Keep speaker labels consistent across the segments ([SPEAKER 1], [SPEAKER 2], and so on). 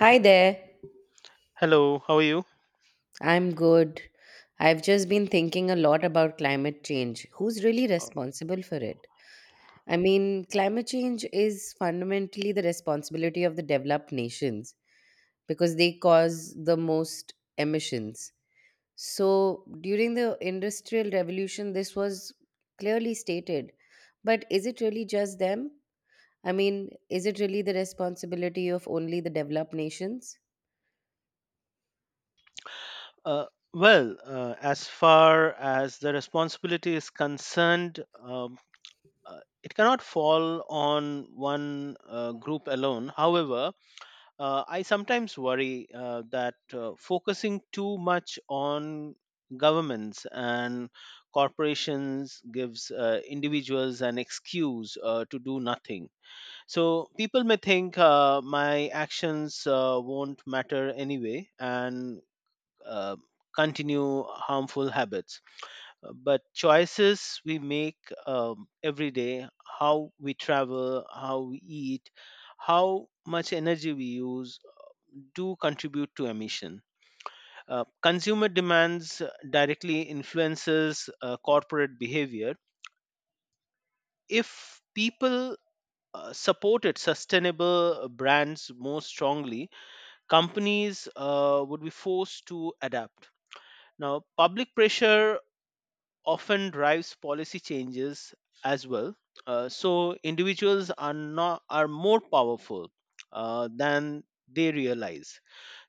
[SPEAKER 1] Hi there.
[SPEAKER 2] Hello, how are you?
[SPEAKER 1] I'm good. I've just been thinking a lot about climate change. Who's really responsible for it? I mean, climate change is fundamentally the responsibility of the developed nations because they cause the most emissions. So, during the Industrial Revolution, this was clearly stated. But is it really just them? I mean, is it really the responsibility of only the developed nations?
[SPEAKER 2] Uh, well, as far as the responsibility is concerned, it cannot fall on one group alone. However, I sometimes worry that focusing too much on governments and corporations gives individuals an excuse to do nothing. So people may think my actions won't matter anyway, and uh, continue harmful habits. But choices we make every day, how we travel, how we eat, how much energy we use, do contribute to emission. Consumer demands directly influences corporate behavior. If people supported sustainable brands more strongly, companies would be forced to adapt. Now, public pressure often drives policy changes as well. So individuals are not are more powerful than they realize.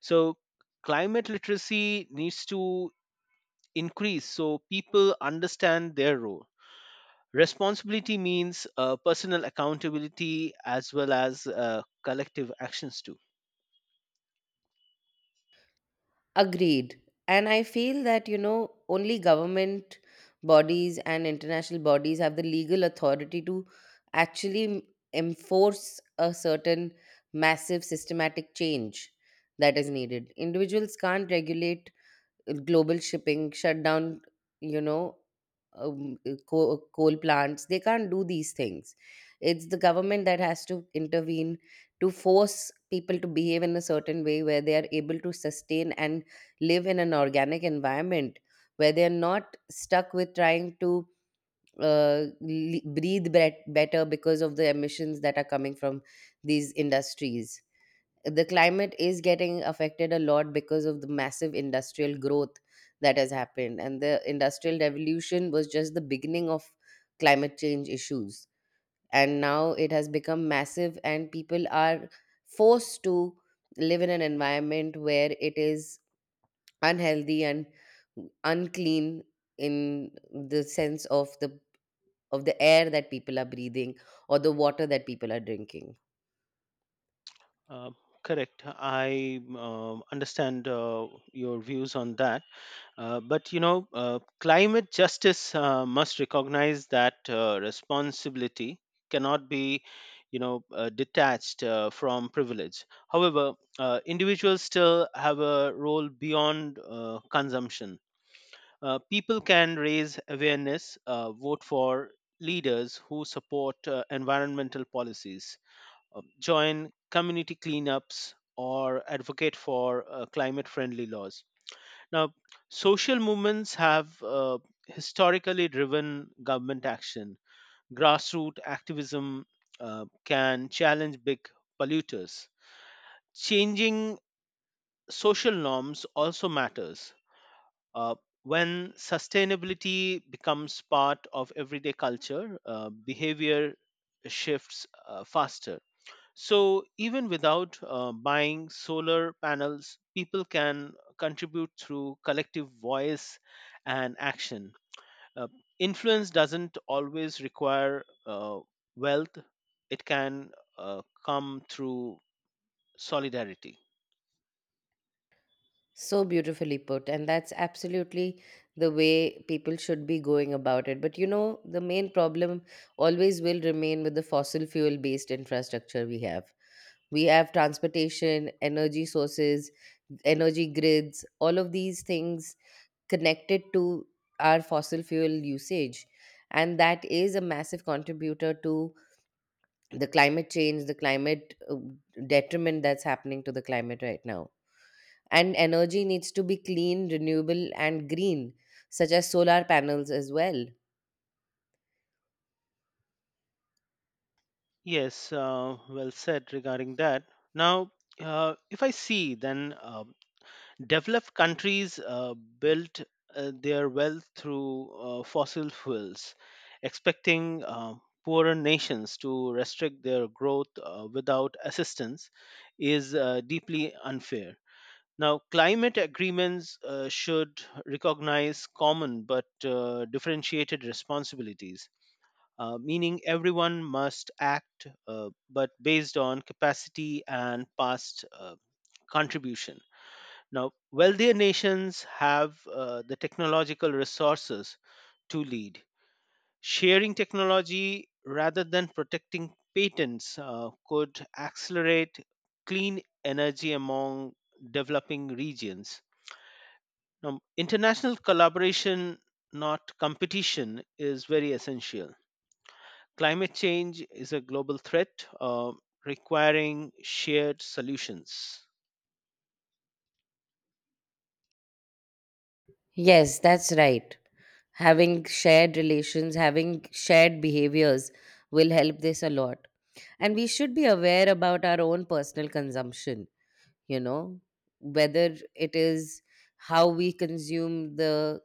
[SPEAKER 2] So climate literacy needs to increase so people understand their role. Responsibility means personal accountability as well as collective actions too.
[SPEAKER 1] Agreed. And I feel that, you know, only government bodies and international bodies have the legal authority to actually enforce a certain massive systematic change that is needed. Individuals can't regulate global shipping shut down, you know, coal plants, they can't do these things. It's the government that has to intervene to force people to behave in a certain way where they are able to sustain and live in an organic environment, where they are not stuck with trying to breathe better because of the emissions that are coming from these industries. The climate is getting affected a lot because of the massive industrial growth that has happened, and the industrial revolution was just the beginning of climate change issues, and now it has become massive and people are forced to live in an environment where it is unhealthy and unclean, in the sense of the air that people are breathing or the water that people are drinking.
[SPEAKER 2] Uh, Correct. I understand your views on that. But you know, climate justice must recognize that responsibility cannot be, detached from privilege. However, individuals still have a role beyond consumption. People can raise awareness, vote for leaders who support environmental policies, join community cleanups, or advocate for climate friendly laws now, social movements have historically driven government action. Grassroots activism can challenge big polluters. Changing social norms also matters. Uh, when sustainability becomes part of everyday culture, behavior shifts faster. So, even without buying solar panels, people can contribute through collective voice and action. Uh, Influence doesn't always require wealth, it can come through solidarity.
[SPEAKER 1] So beautifully put, and that's absolutely the way people should be going about it. But you know, the main problem always will remain with the fossil fuel based infrastructure we have. We have transportation, energy sources, energy grids, all of these things connected to our fossil fuel usage. And that is a massive contributor to the climate change, the climate detriment that's happening to the climate right now, and energy needs to be clean, renewable, and green, such as solar panels as well.
[SPEAKER 2] Yes, well said regarding that. Now, if I see, then, developed countries built their wealth through fossil fuels, expecting poorer nations to restrict their growth without assistance is deeply unfair. Now, climate agreements should recognize common but differentiated responsibilities, meaning everyone must act but based on capacity and past contribution. Now, wealthier nations have the technological resources to lead. Sharing technology rather than protecting patents could accelerate clean energy among developing regions. Now, international collaboration, not competition, is very essential. Climate change is a global threat requiring shared solutions.
[SPEAKER 1] Yes, that's right. Having shared relations, having shared behaviors will help this a lot. And we should be aware about our own personal consumption, you know, whether it is how we consume the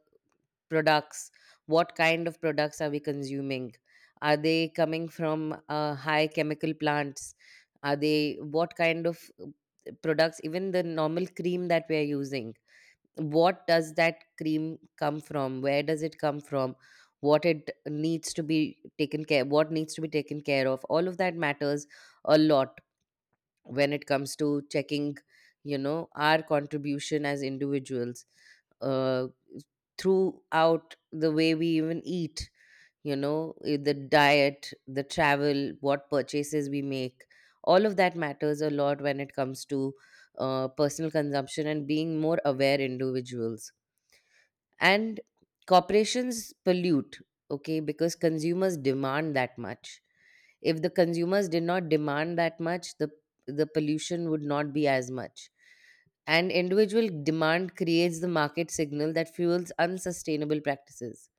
[SPEAKER 1] products, what kind of products are we consuming, are they coming from high chemical plants, are they, what kind of products, even the normal cream that we are using, what does that cream come from, where does it come from, what it needs to be taken care, what needs to be taken care of, all of that matters a lot when it comes to checking, you know, our contribution as individuals, uh, throughout the way we even eat, you know, the diet, the travel, what purchases we make. All of that matters a lot when it comes to personal consumption and being more aware individuals, and corporations pollute, okay, because consumers demand that much. If the consumers did not demand that much, the pollution would not be as much, and individual demand creates the market signal that fuels unsustainable practices.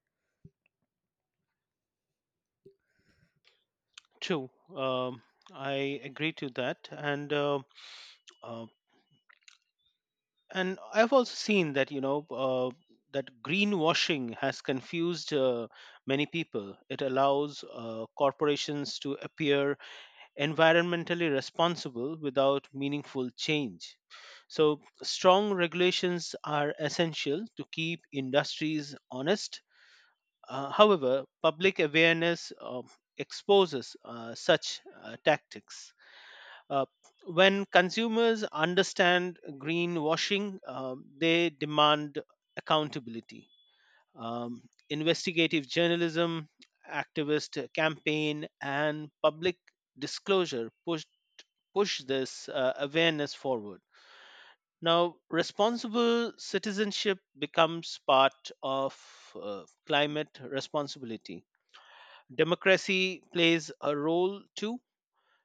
[SPEAKER 2] True. I agree to that. Uh, and I've also seen that you know that greenwashing has confused many people. It allows corporations to appear environmentally responsible without meaningful change. So strong regulations are essential to keep industries honest. However, public awareness exposes such tactics. Uh, when consumers understand greenwashing, they demand accountability. Um, Investigative journalism, activist campaign, and public disclosure push this awareness forward. Now, responsible citizenship becomes part of climate responsibility. Democracy plays a role too.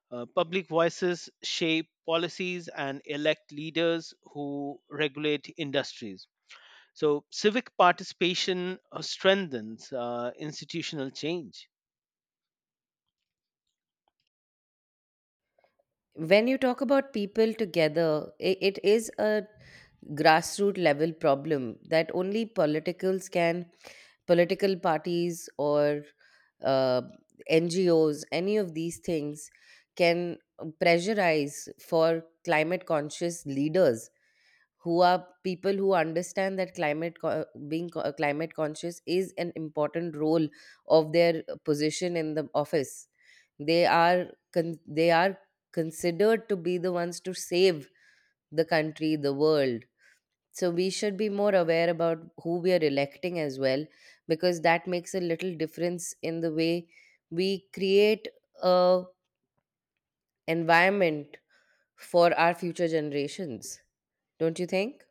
[SPEAKER 2] Public voices shape policies and elect leaders who regulate industries. So, civic participation strengthens institutional change.
[SPEAKER 1] When you talk about people together, it is a grassroots level problem that only politicals can, political parties or uh, NGOs, any of these things can pressurize for climate conscious leaders, who are people who understand that climate co- being co- climate conscious is an important role of their position in the office. They are they are considered to be the ones to save the country, the world. So we should be more aware about who we are electing as well, because that makes a little difference in the way we create a environment for our future generations. Don't you think?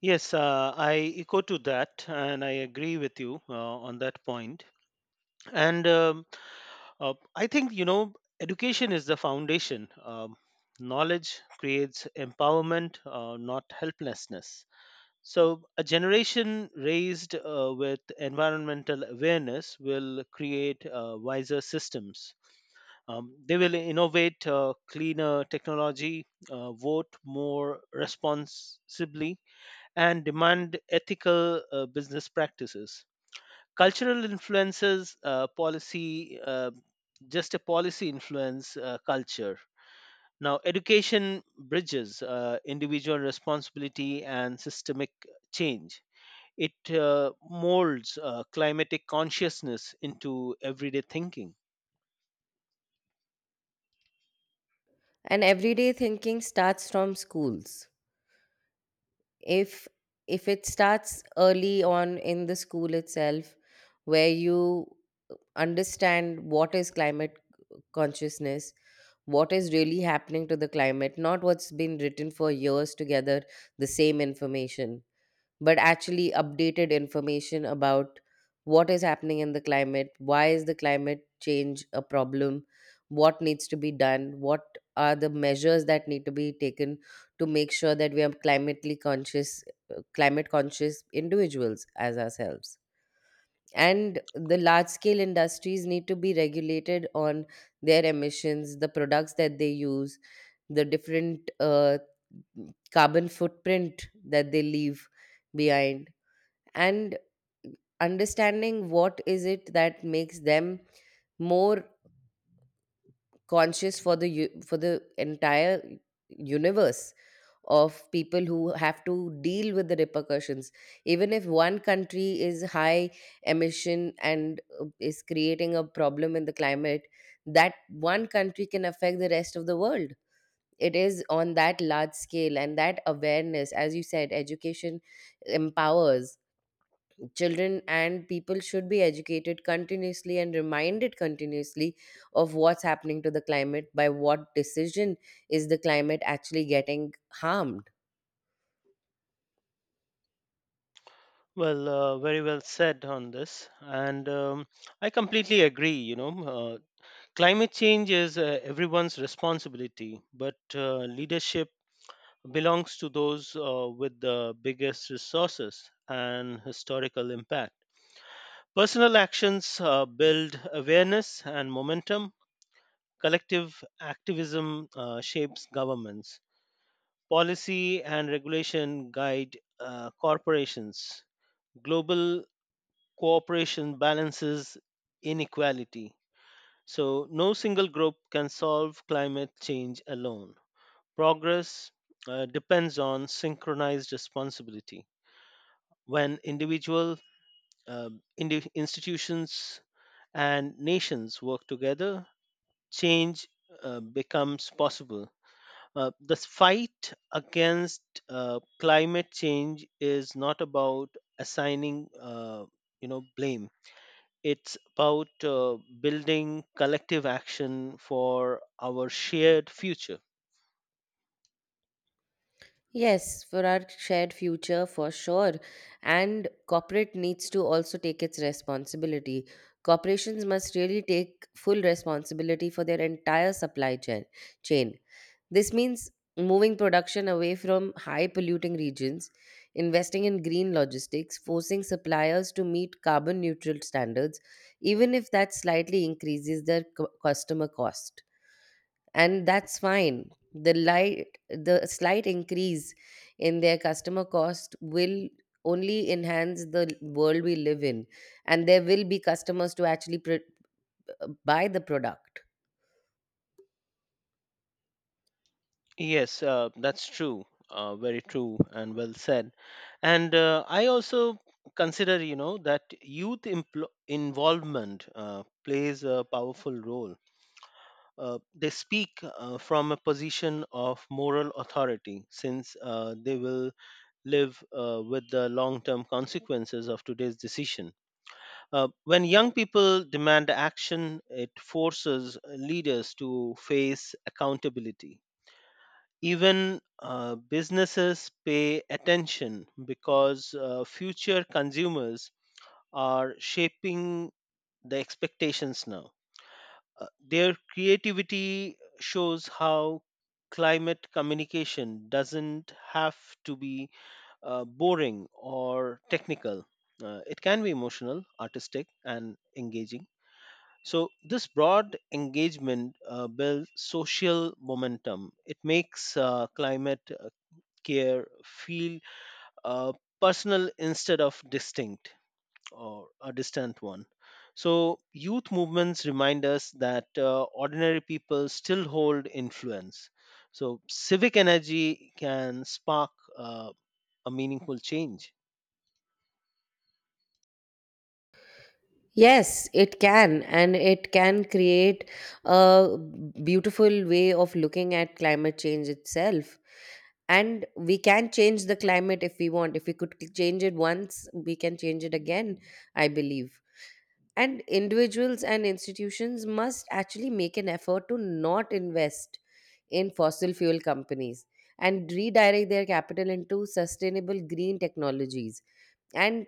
[SPEAKER 2] Yes, I echo to that, and I agree with you on that point. And I think, you know, education is the foundation. Knowledge creates empowerment, not helplessness. So, a generation raised with environmental awareness will create wiser systems. They will innovate cleaner technology, vote more responsibly, and demand ethical business practices. Cultural influences, policy, just a policy influence culture. Now, education bridges individual responsibility and systemic change. It molds climatic consciousness into everyday thinking.
[SPEAKER 1] And everyday thinking starts from schools. If if it starts early on in the school itself, where you understand what is climate consciousness, what is really happening to the climate, not what's been written for years together, the same information, but actually updated information about what is happening in the climate, why is the climate change a problem, what needs to be done, what are the measures that need to be taken to make sure that we are climately conscious, climate conscious individuals as ourselves. And the large scale industries need to be regulated on their emissions, the products that they use, the different carbon footprint that they leave behind, and understanding what is it that makes them more conscious for for the entire universe of people who have to deal with the repercussions. Even if one country is high emission and is creating a problem in the climate, that one country can affect the rest of the world. It is on that large scale, and that awareness, as you said, education empowers children, and people should be educated continuously and reminded continuously of what's happening to the climate, by what decision is the climate actually getting harmed.
[SPEAKER 2] Well, very well said on this, and I completely agree. You know, uh, climate change is everyone's responsibility, but leadership belongs to those with the biggest resources and historical impact. Personal actions build awareness and momentum. Collective activism shapes governments. Policy and regulation guide corporations. Global cooperation balances inequality. So, no single group can solve climate change alone. Progress depends on synchronized responsibility. When individual uh, institutions and nations work together, change becomes possible. The fight against climate change is not about assigning, blame. It's about building collective action for our shared future.
[SPEAKER 1] Yes, for our shared future, for sure. And corporate needs to also take its responsibility. Corporations must really take full responsibility for their entire supply chain. This means moving production away from high polluting regions, investing in green logistics, forcing suppliers to meet carbon neutral standards, even if that slightly increases their customer cost, and that's fine. The light, the slight increase in their customer cost will only enhance the world we live in, and there will be customers to actually buy the product.
[SPEAKER 2] Yes, that's true. Very true and well said. And I also consider, you know, that youth involvement plays a powerful role. They speak from a position of moral authority since they will live with the long term consequences of today's decision. When young people demand action, it forces leaders to face accountability even businesses pay attention because future consumers are shaping the expectations now. Their creativity shows how climate communication doesn't have to be boring or technical. It can be emotional, artistic, and engaging. So, this broad engagement builds social momentum. It makes climate care feel uh, personal instead of distinct or a distant one. So, youth movements remind us that ordinary people still hold influence. So, civic energy can spark uh, a meaningful change.
[SPEAKER 1] Yes, it can, and it can create a beautiful way of looking at climate change itself. And we can change the climate if we want. If we could change it once, we can change it again, I believe. And individuals and institutions must actually make an effort to not invest in fossil fuel companies, and redirect their capital into sustainable green technologies and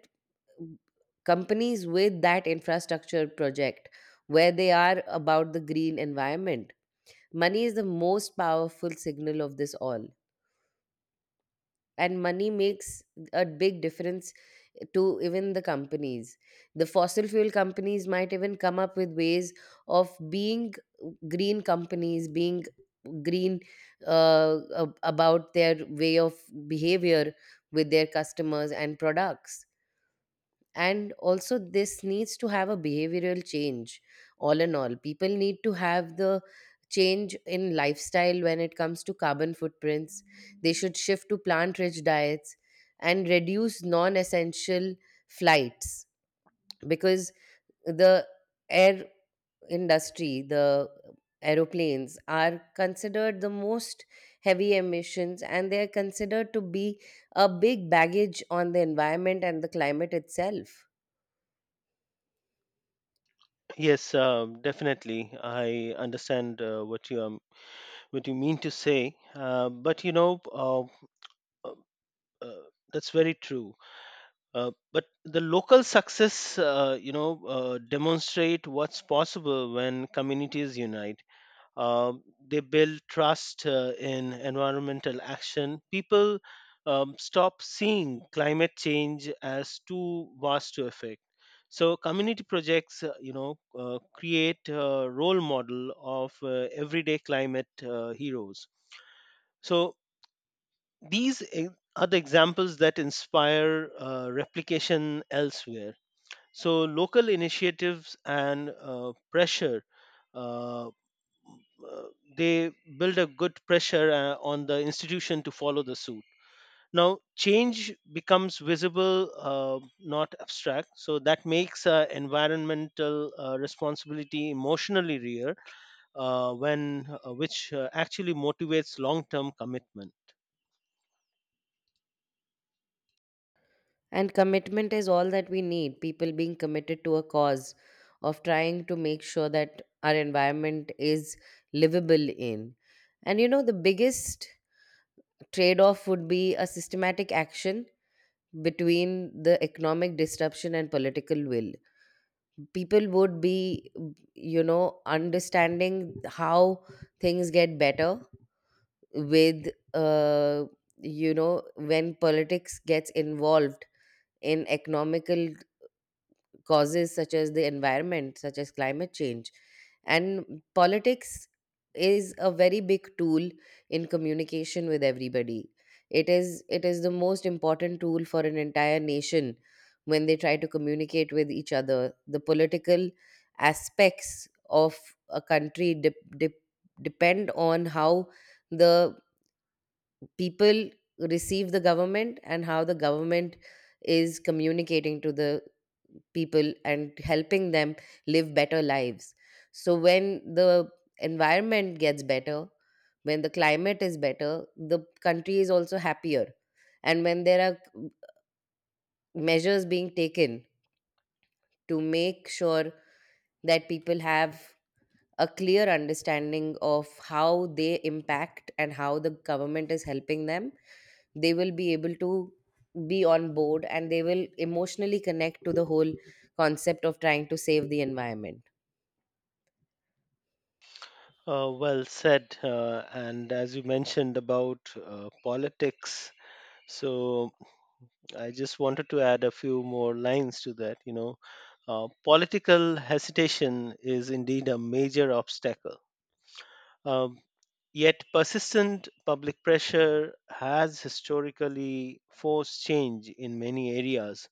[SPEAKER 1] companies with that infrastructure project, where they are about the green environment. Money is the most powerful signal of this all, and money makes a big difference to even the companies. The fossil fuel companies might even come up with ways of being green, companies being green about their way of behavior with their customers and products. And also, this needs to have a behavioral change. All in all, people need to have the change in lifestyle when it comes to carbon footprints. They should shift to plant rich diets and reduce non essential flights, because the air industry, the aeroplanes are considered the most heavy emissions, and they are considered to be a big baggage on the environment and the climate itself.
[SPEAKER 2] Yes, definitely. I understand what you mean to say, but you know, uh, uh, that's very true. But the local success, demonstrate what's possible when communities unite. Um they build trust in environmental action. People stop seeing climate change as too vast to affect. So community projects, create a role model of everyday climate heroes. So these are the examples that inspire replication elsewhere. So local initiatives and pressure uh, uh, they build a good pressure on the institution to follow the suit. Now change becomes visible not abstract, so that makes environmental responsibility emotionally real when which actually motivates long term commitment.
[SPEAKER 1] And commitment is all that we need. People being committed to a cause of trying to make sure that our environment is livable in. And you know, the biggest trade off would be a systematic action between the economic disruption and political will. People would be, you know, understanding how things get better with, uh, you know, when politics gets involved in economical causes such as the environment, such as climate change. And politics is a very big tool in communication with everybody. It is the most important tool for an entire nation when they try to communicate with each other. The political aspects of a country depend on how the people receive the government and how the government is communicating to the people and helping them live better lives. So when the environment gets better, when the climate is better, the country is also happier. And when there are measures being taken to make sure that people have a clear understanding of how they impact and how the government is helping them, they will be able to be on board, and they will emotionally connect to the whole concept of trying to save the environment.
[SPEAKER 2] Well said and as you mentioned about politics. So I just wanted to add a few more lines to that. You know, political hesitation is indeed a major obstacle. Um, Yet, persistent public pressure has historically forced change in many areas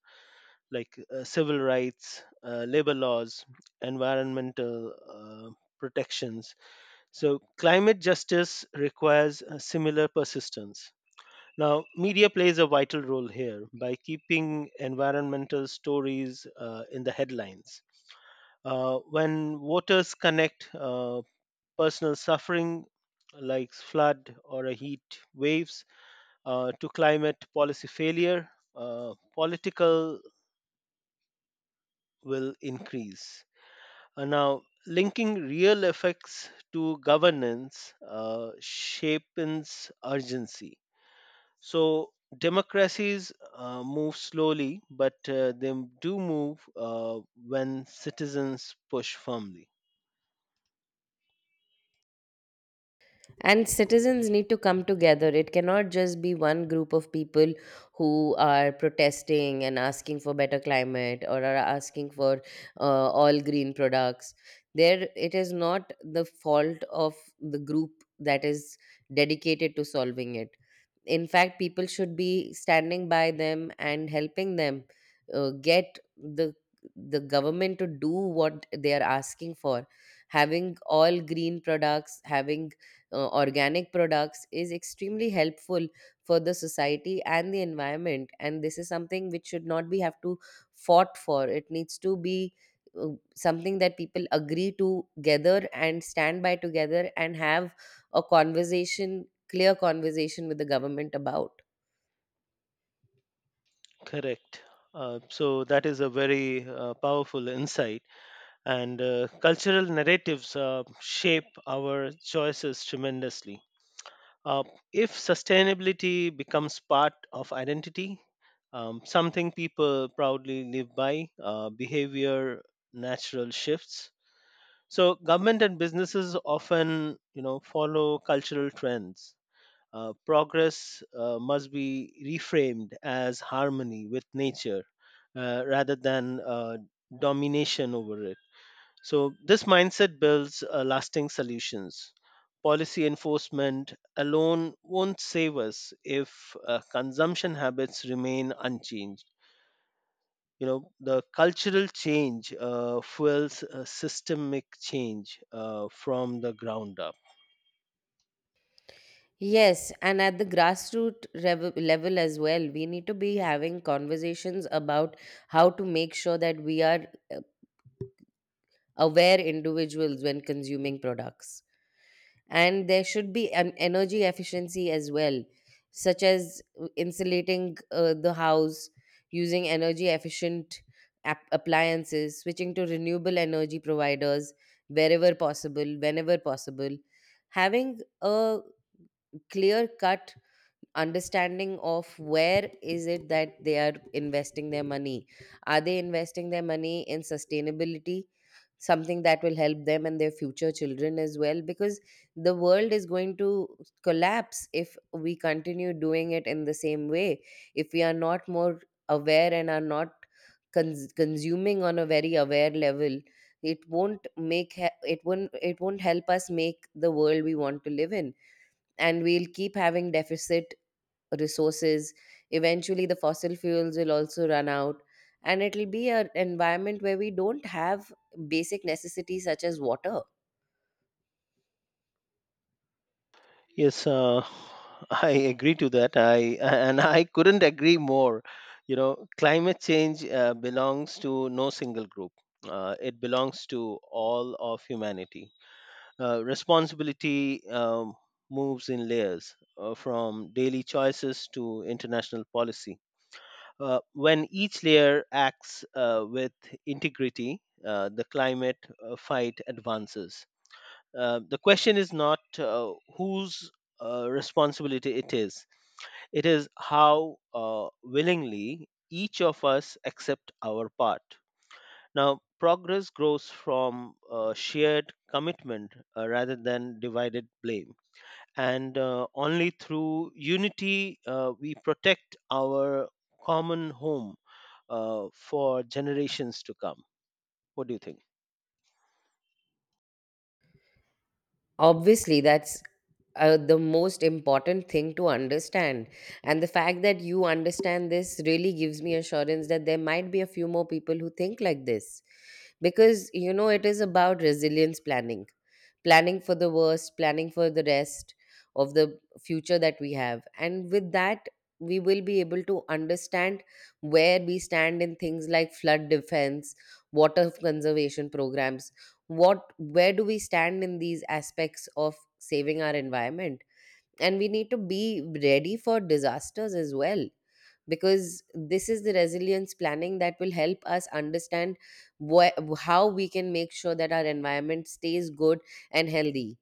[SPEAKER 2] like civil rights, labor laws, environmental protections. So, climate justice requires a similar persistence. Now, media plays a vital role here by keeping environmental stories in the headlines. When voters connect personal suffering, like flood or a heat waves, to climate policy failure, political will increase. Now, linking real effects to governance shapes urgency. So democracies move slowly, but they do move when citizens push firmly.
[SPEAKER 1] And citizens need to come together. It cannot just be one group of people who are protesting and asking for better climate, or are asking for all green products. There, it is not the fault of the group that is dedicated to solving it. In fact, people should be standing by them and helping them get the government to do what they are asking for. Having all green products, having organic products is extremely helpful for the society and the environment, and this is something which should not be have to fought for. It needs to be uh, something that people agree to together and stand by together, and have a conversation, clear conversation with the government about.
[SPEAKER 2] Correct. So that is a very powerful insight, and cultural narratives shape our choices tremendously. Uh, if sustainability becomes part of identity, something people proudly live by, behavior natural shifts. So government and businesses often, you know, follow cultural trends. Progress must be reframed as harmony with nature rather than domination over it. So this mindset builds lasting solutions. Policy enforcement alone won't save us if consumption habits remain unchanged. You know the cultural change fuels systemic change from the ground up.
[SPEAKER 1] Yes, and at the grassroots level as well, we need to be having conversations about how to make sure that we are uh, aware individuals when consuming products. And there should be an energy efficiency as well, such as insulating the house, using energy efficient appliances, switching to renewable energy providers wherever possible, whenever possible. Having a clear cut understanding of where is it that they are investing their money, are they investing their money in sustainability, something that will help them and their future children as well, because the world is going to collapse if we continue doing it in the same way, if we are not more aware and are not consuming on a very aware level. It won't make he- it won't it won't help us make the world we want to live in, and we'll keep having deficit resources. Eventually the fossil fuels will also run out, and it'll be an environment where we don't have basic necessities such as water.
[SPEAKER 2] Yes, I agree to that. I and I couldn't agree more. You know, climate change belongs to no single group. It belongs to all of humanity. Responsibility moves in layers, from daily choices to international policy. When each layer acts with integrity, the climate fight advances. The question is not whose responsibility it is how willingly each of us accept our part. Now, progress grows from shared commitment rather than divided blame, and only through unity we protect our common home for generations to come. What do you think?
[SPEAKER 1] Obviously, that's the most important thing to understand, and the fact that you understand this really gives me assurance that there might be a few more people who think like this, because it is about resilience planning, planning for the worst, planning for the rest of the future that we have. And with that, we will be able to understand where we stand in things like flood defense, water conservation programs. What Where do we stand in these aspects of saving our environment? And we need to be ready for disasters as well, because this is the resilience planning that will help us understand how we can make sure that our environment stays good and healthy.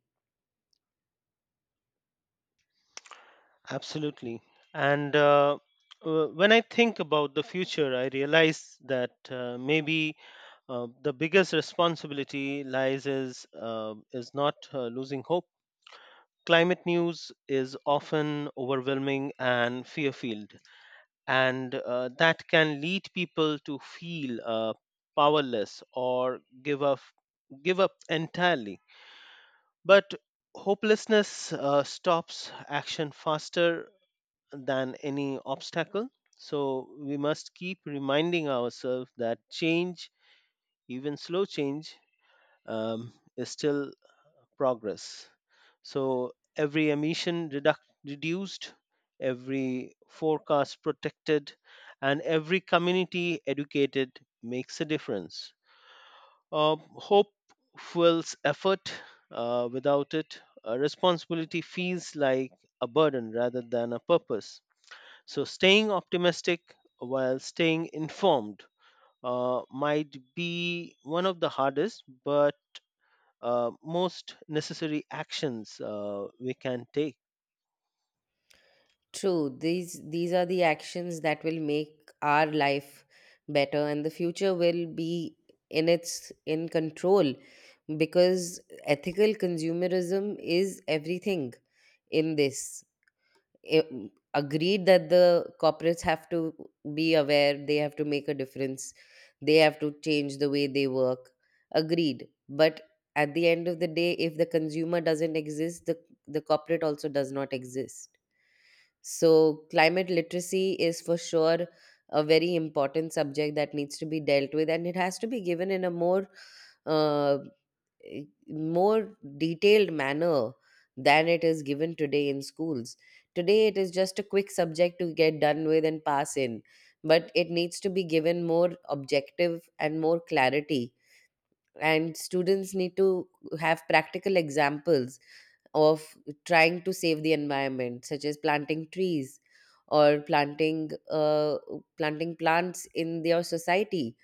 [SPEAKER 2] Absolutely. And when I think about the future, I realize that maybe the biggest responsibility lies is not losing hope. Climate news is often overwhelming and fear filled, and that can lead people to feel powerless or give up entirely. But hopelessness stops action faster than any obstacle. So we must keep reminding ourselves that change, even slow change, is still progress. So every emission reduced, every forecast protected, and every community educated makes a difference. Hope fuels effort. Without it, responsibility feels like a burden rather than a purpose. So staying optimistic while staying informed might be one of the hardest but most necessary actions we can take.
[SPEAKER 1] True, these are the actions that will make our life better, and the future will be in control, because ethical consumerism is everything in this. A- agreed that the corporates have to be aware, they have to make a difference, they have to change the way they work. Agreed, but at the end of the day, if the consumer doesn't exist, the corporate also does not exist. So climate literacy is for sure a very important subject that needs to be dealt with, and it has to be given in a more uh, more detailed manner than it is given today in schools. Today, it is just a quick subject to get done with and pass in, but it needs to be given more objective and more clarity. And students need to have practical examples of trying to save the environment, such as planting trees, or planting plants in their society,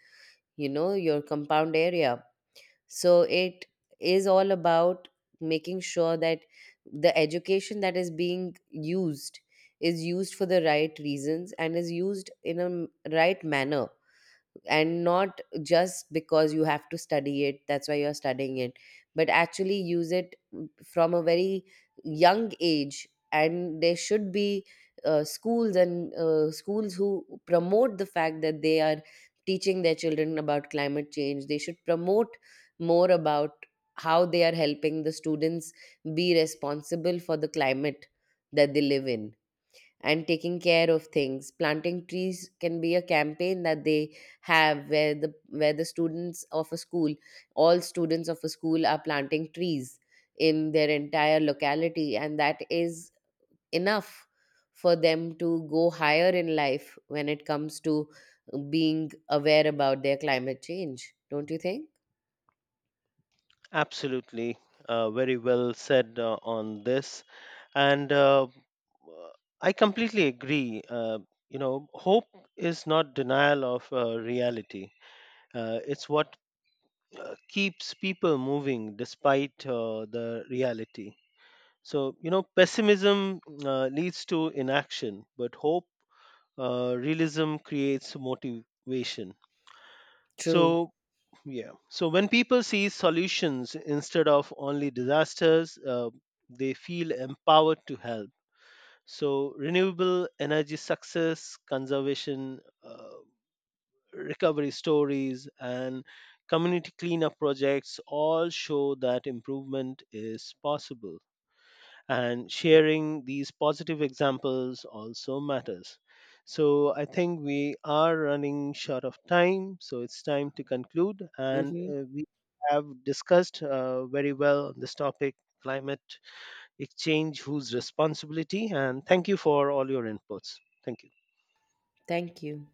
[SPEAKER 1] your compound area. So it is all about making sure that the education that is being used is used for the right reasons and is used in a right manner, and not just because you have to study it, that's why you're studying it, but actually use it from a very young age. And there should be schools who promote the fact that they are teaching their children about climate change. They should promote more about how they are helping the students be responsible for the climate that they live in, and taking care of things. Planting trees can be a campaign that they have, where the students of a school, all students of a school, are planting trees in their entire locality. And that is enough for them to go higher in life when it comes to being aware about their climate change. Don't you think?
[SPEAKER 2] Absolutely, very well said on this, and I completely agree. You know, hope is not denial of reality. It's what keeps people moving despite the reality. So, you know, pessimism leads to inaction, but hope, realism creates motivation.
[SPEAKER 1] True.
[SPEAKER 2] So, yeah. So, when people see solutions instead of only disasters, they feel empowered to help. So, renewable energy success, conservation, recovery stories, and community cleanup projects all show that improvement is possible. And sharing these positive examples also matters. So I think we are running short of time, so it's time to conclude. And
[SPEAKER 1] Mm-hmm.
[SPEAKER 2] we have discussed very well on this topic climate exchange, whose responsibility, and thank you for all your inputs. Thank you.
[SPEAKER 1] Thank you.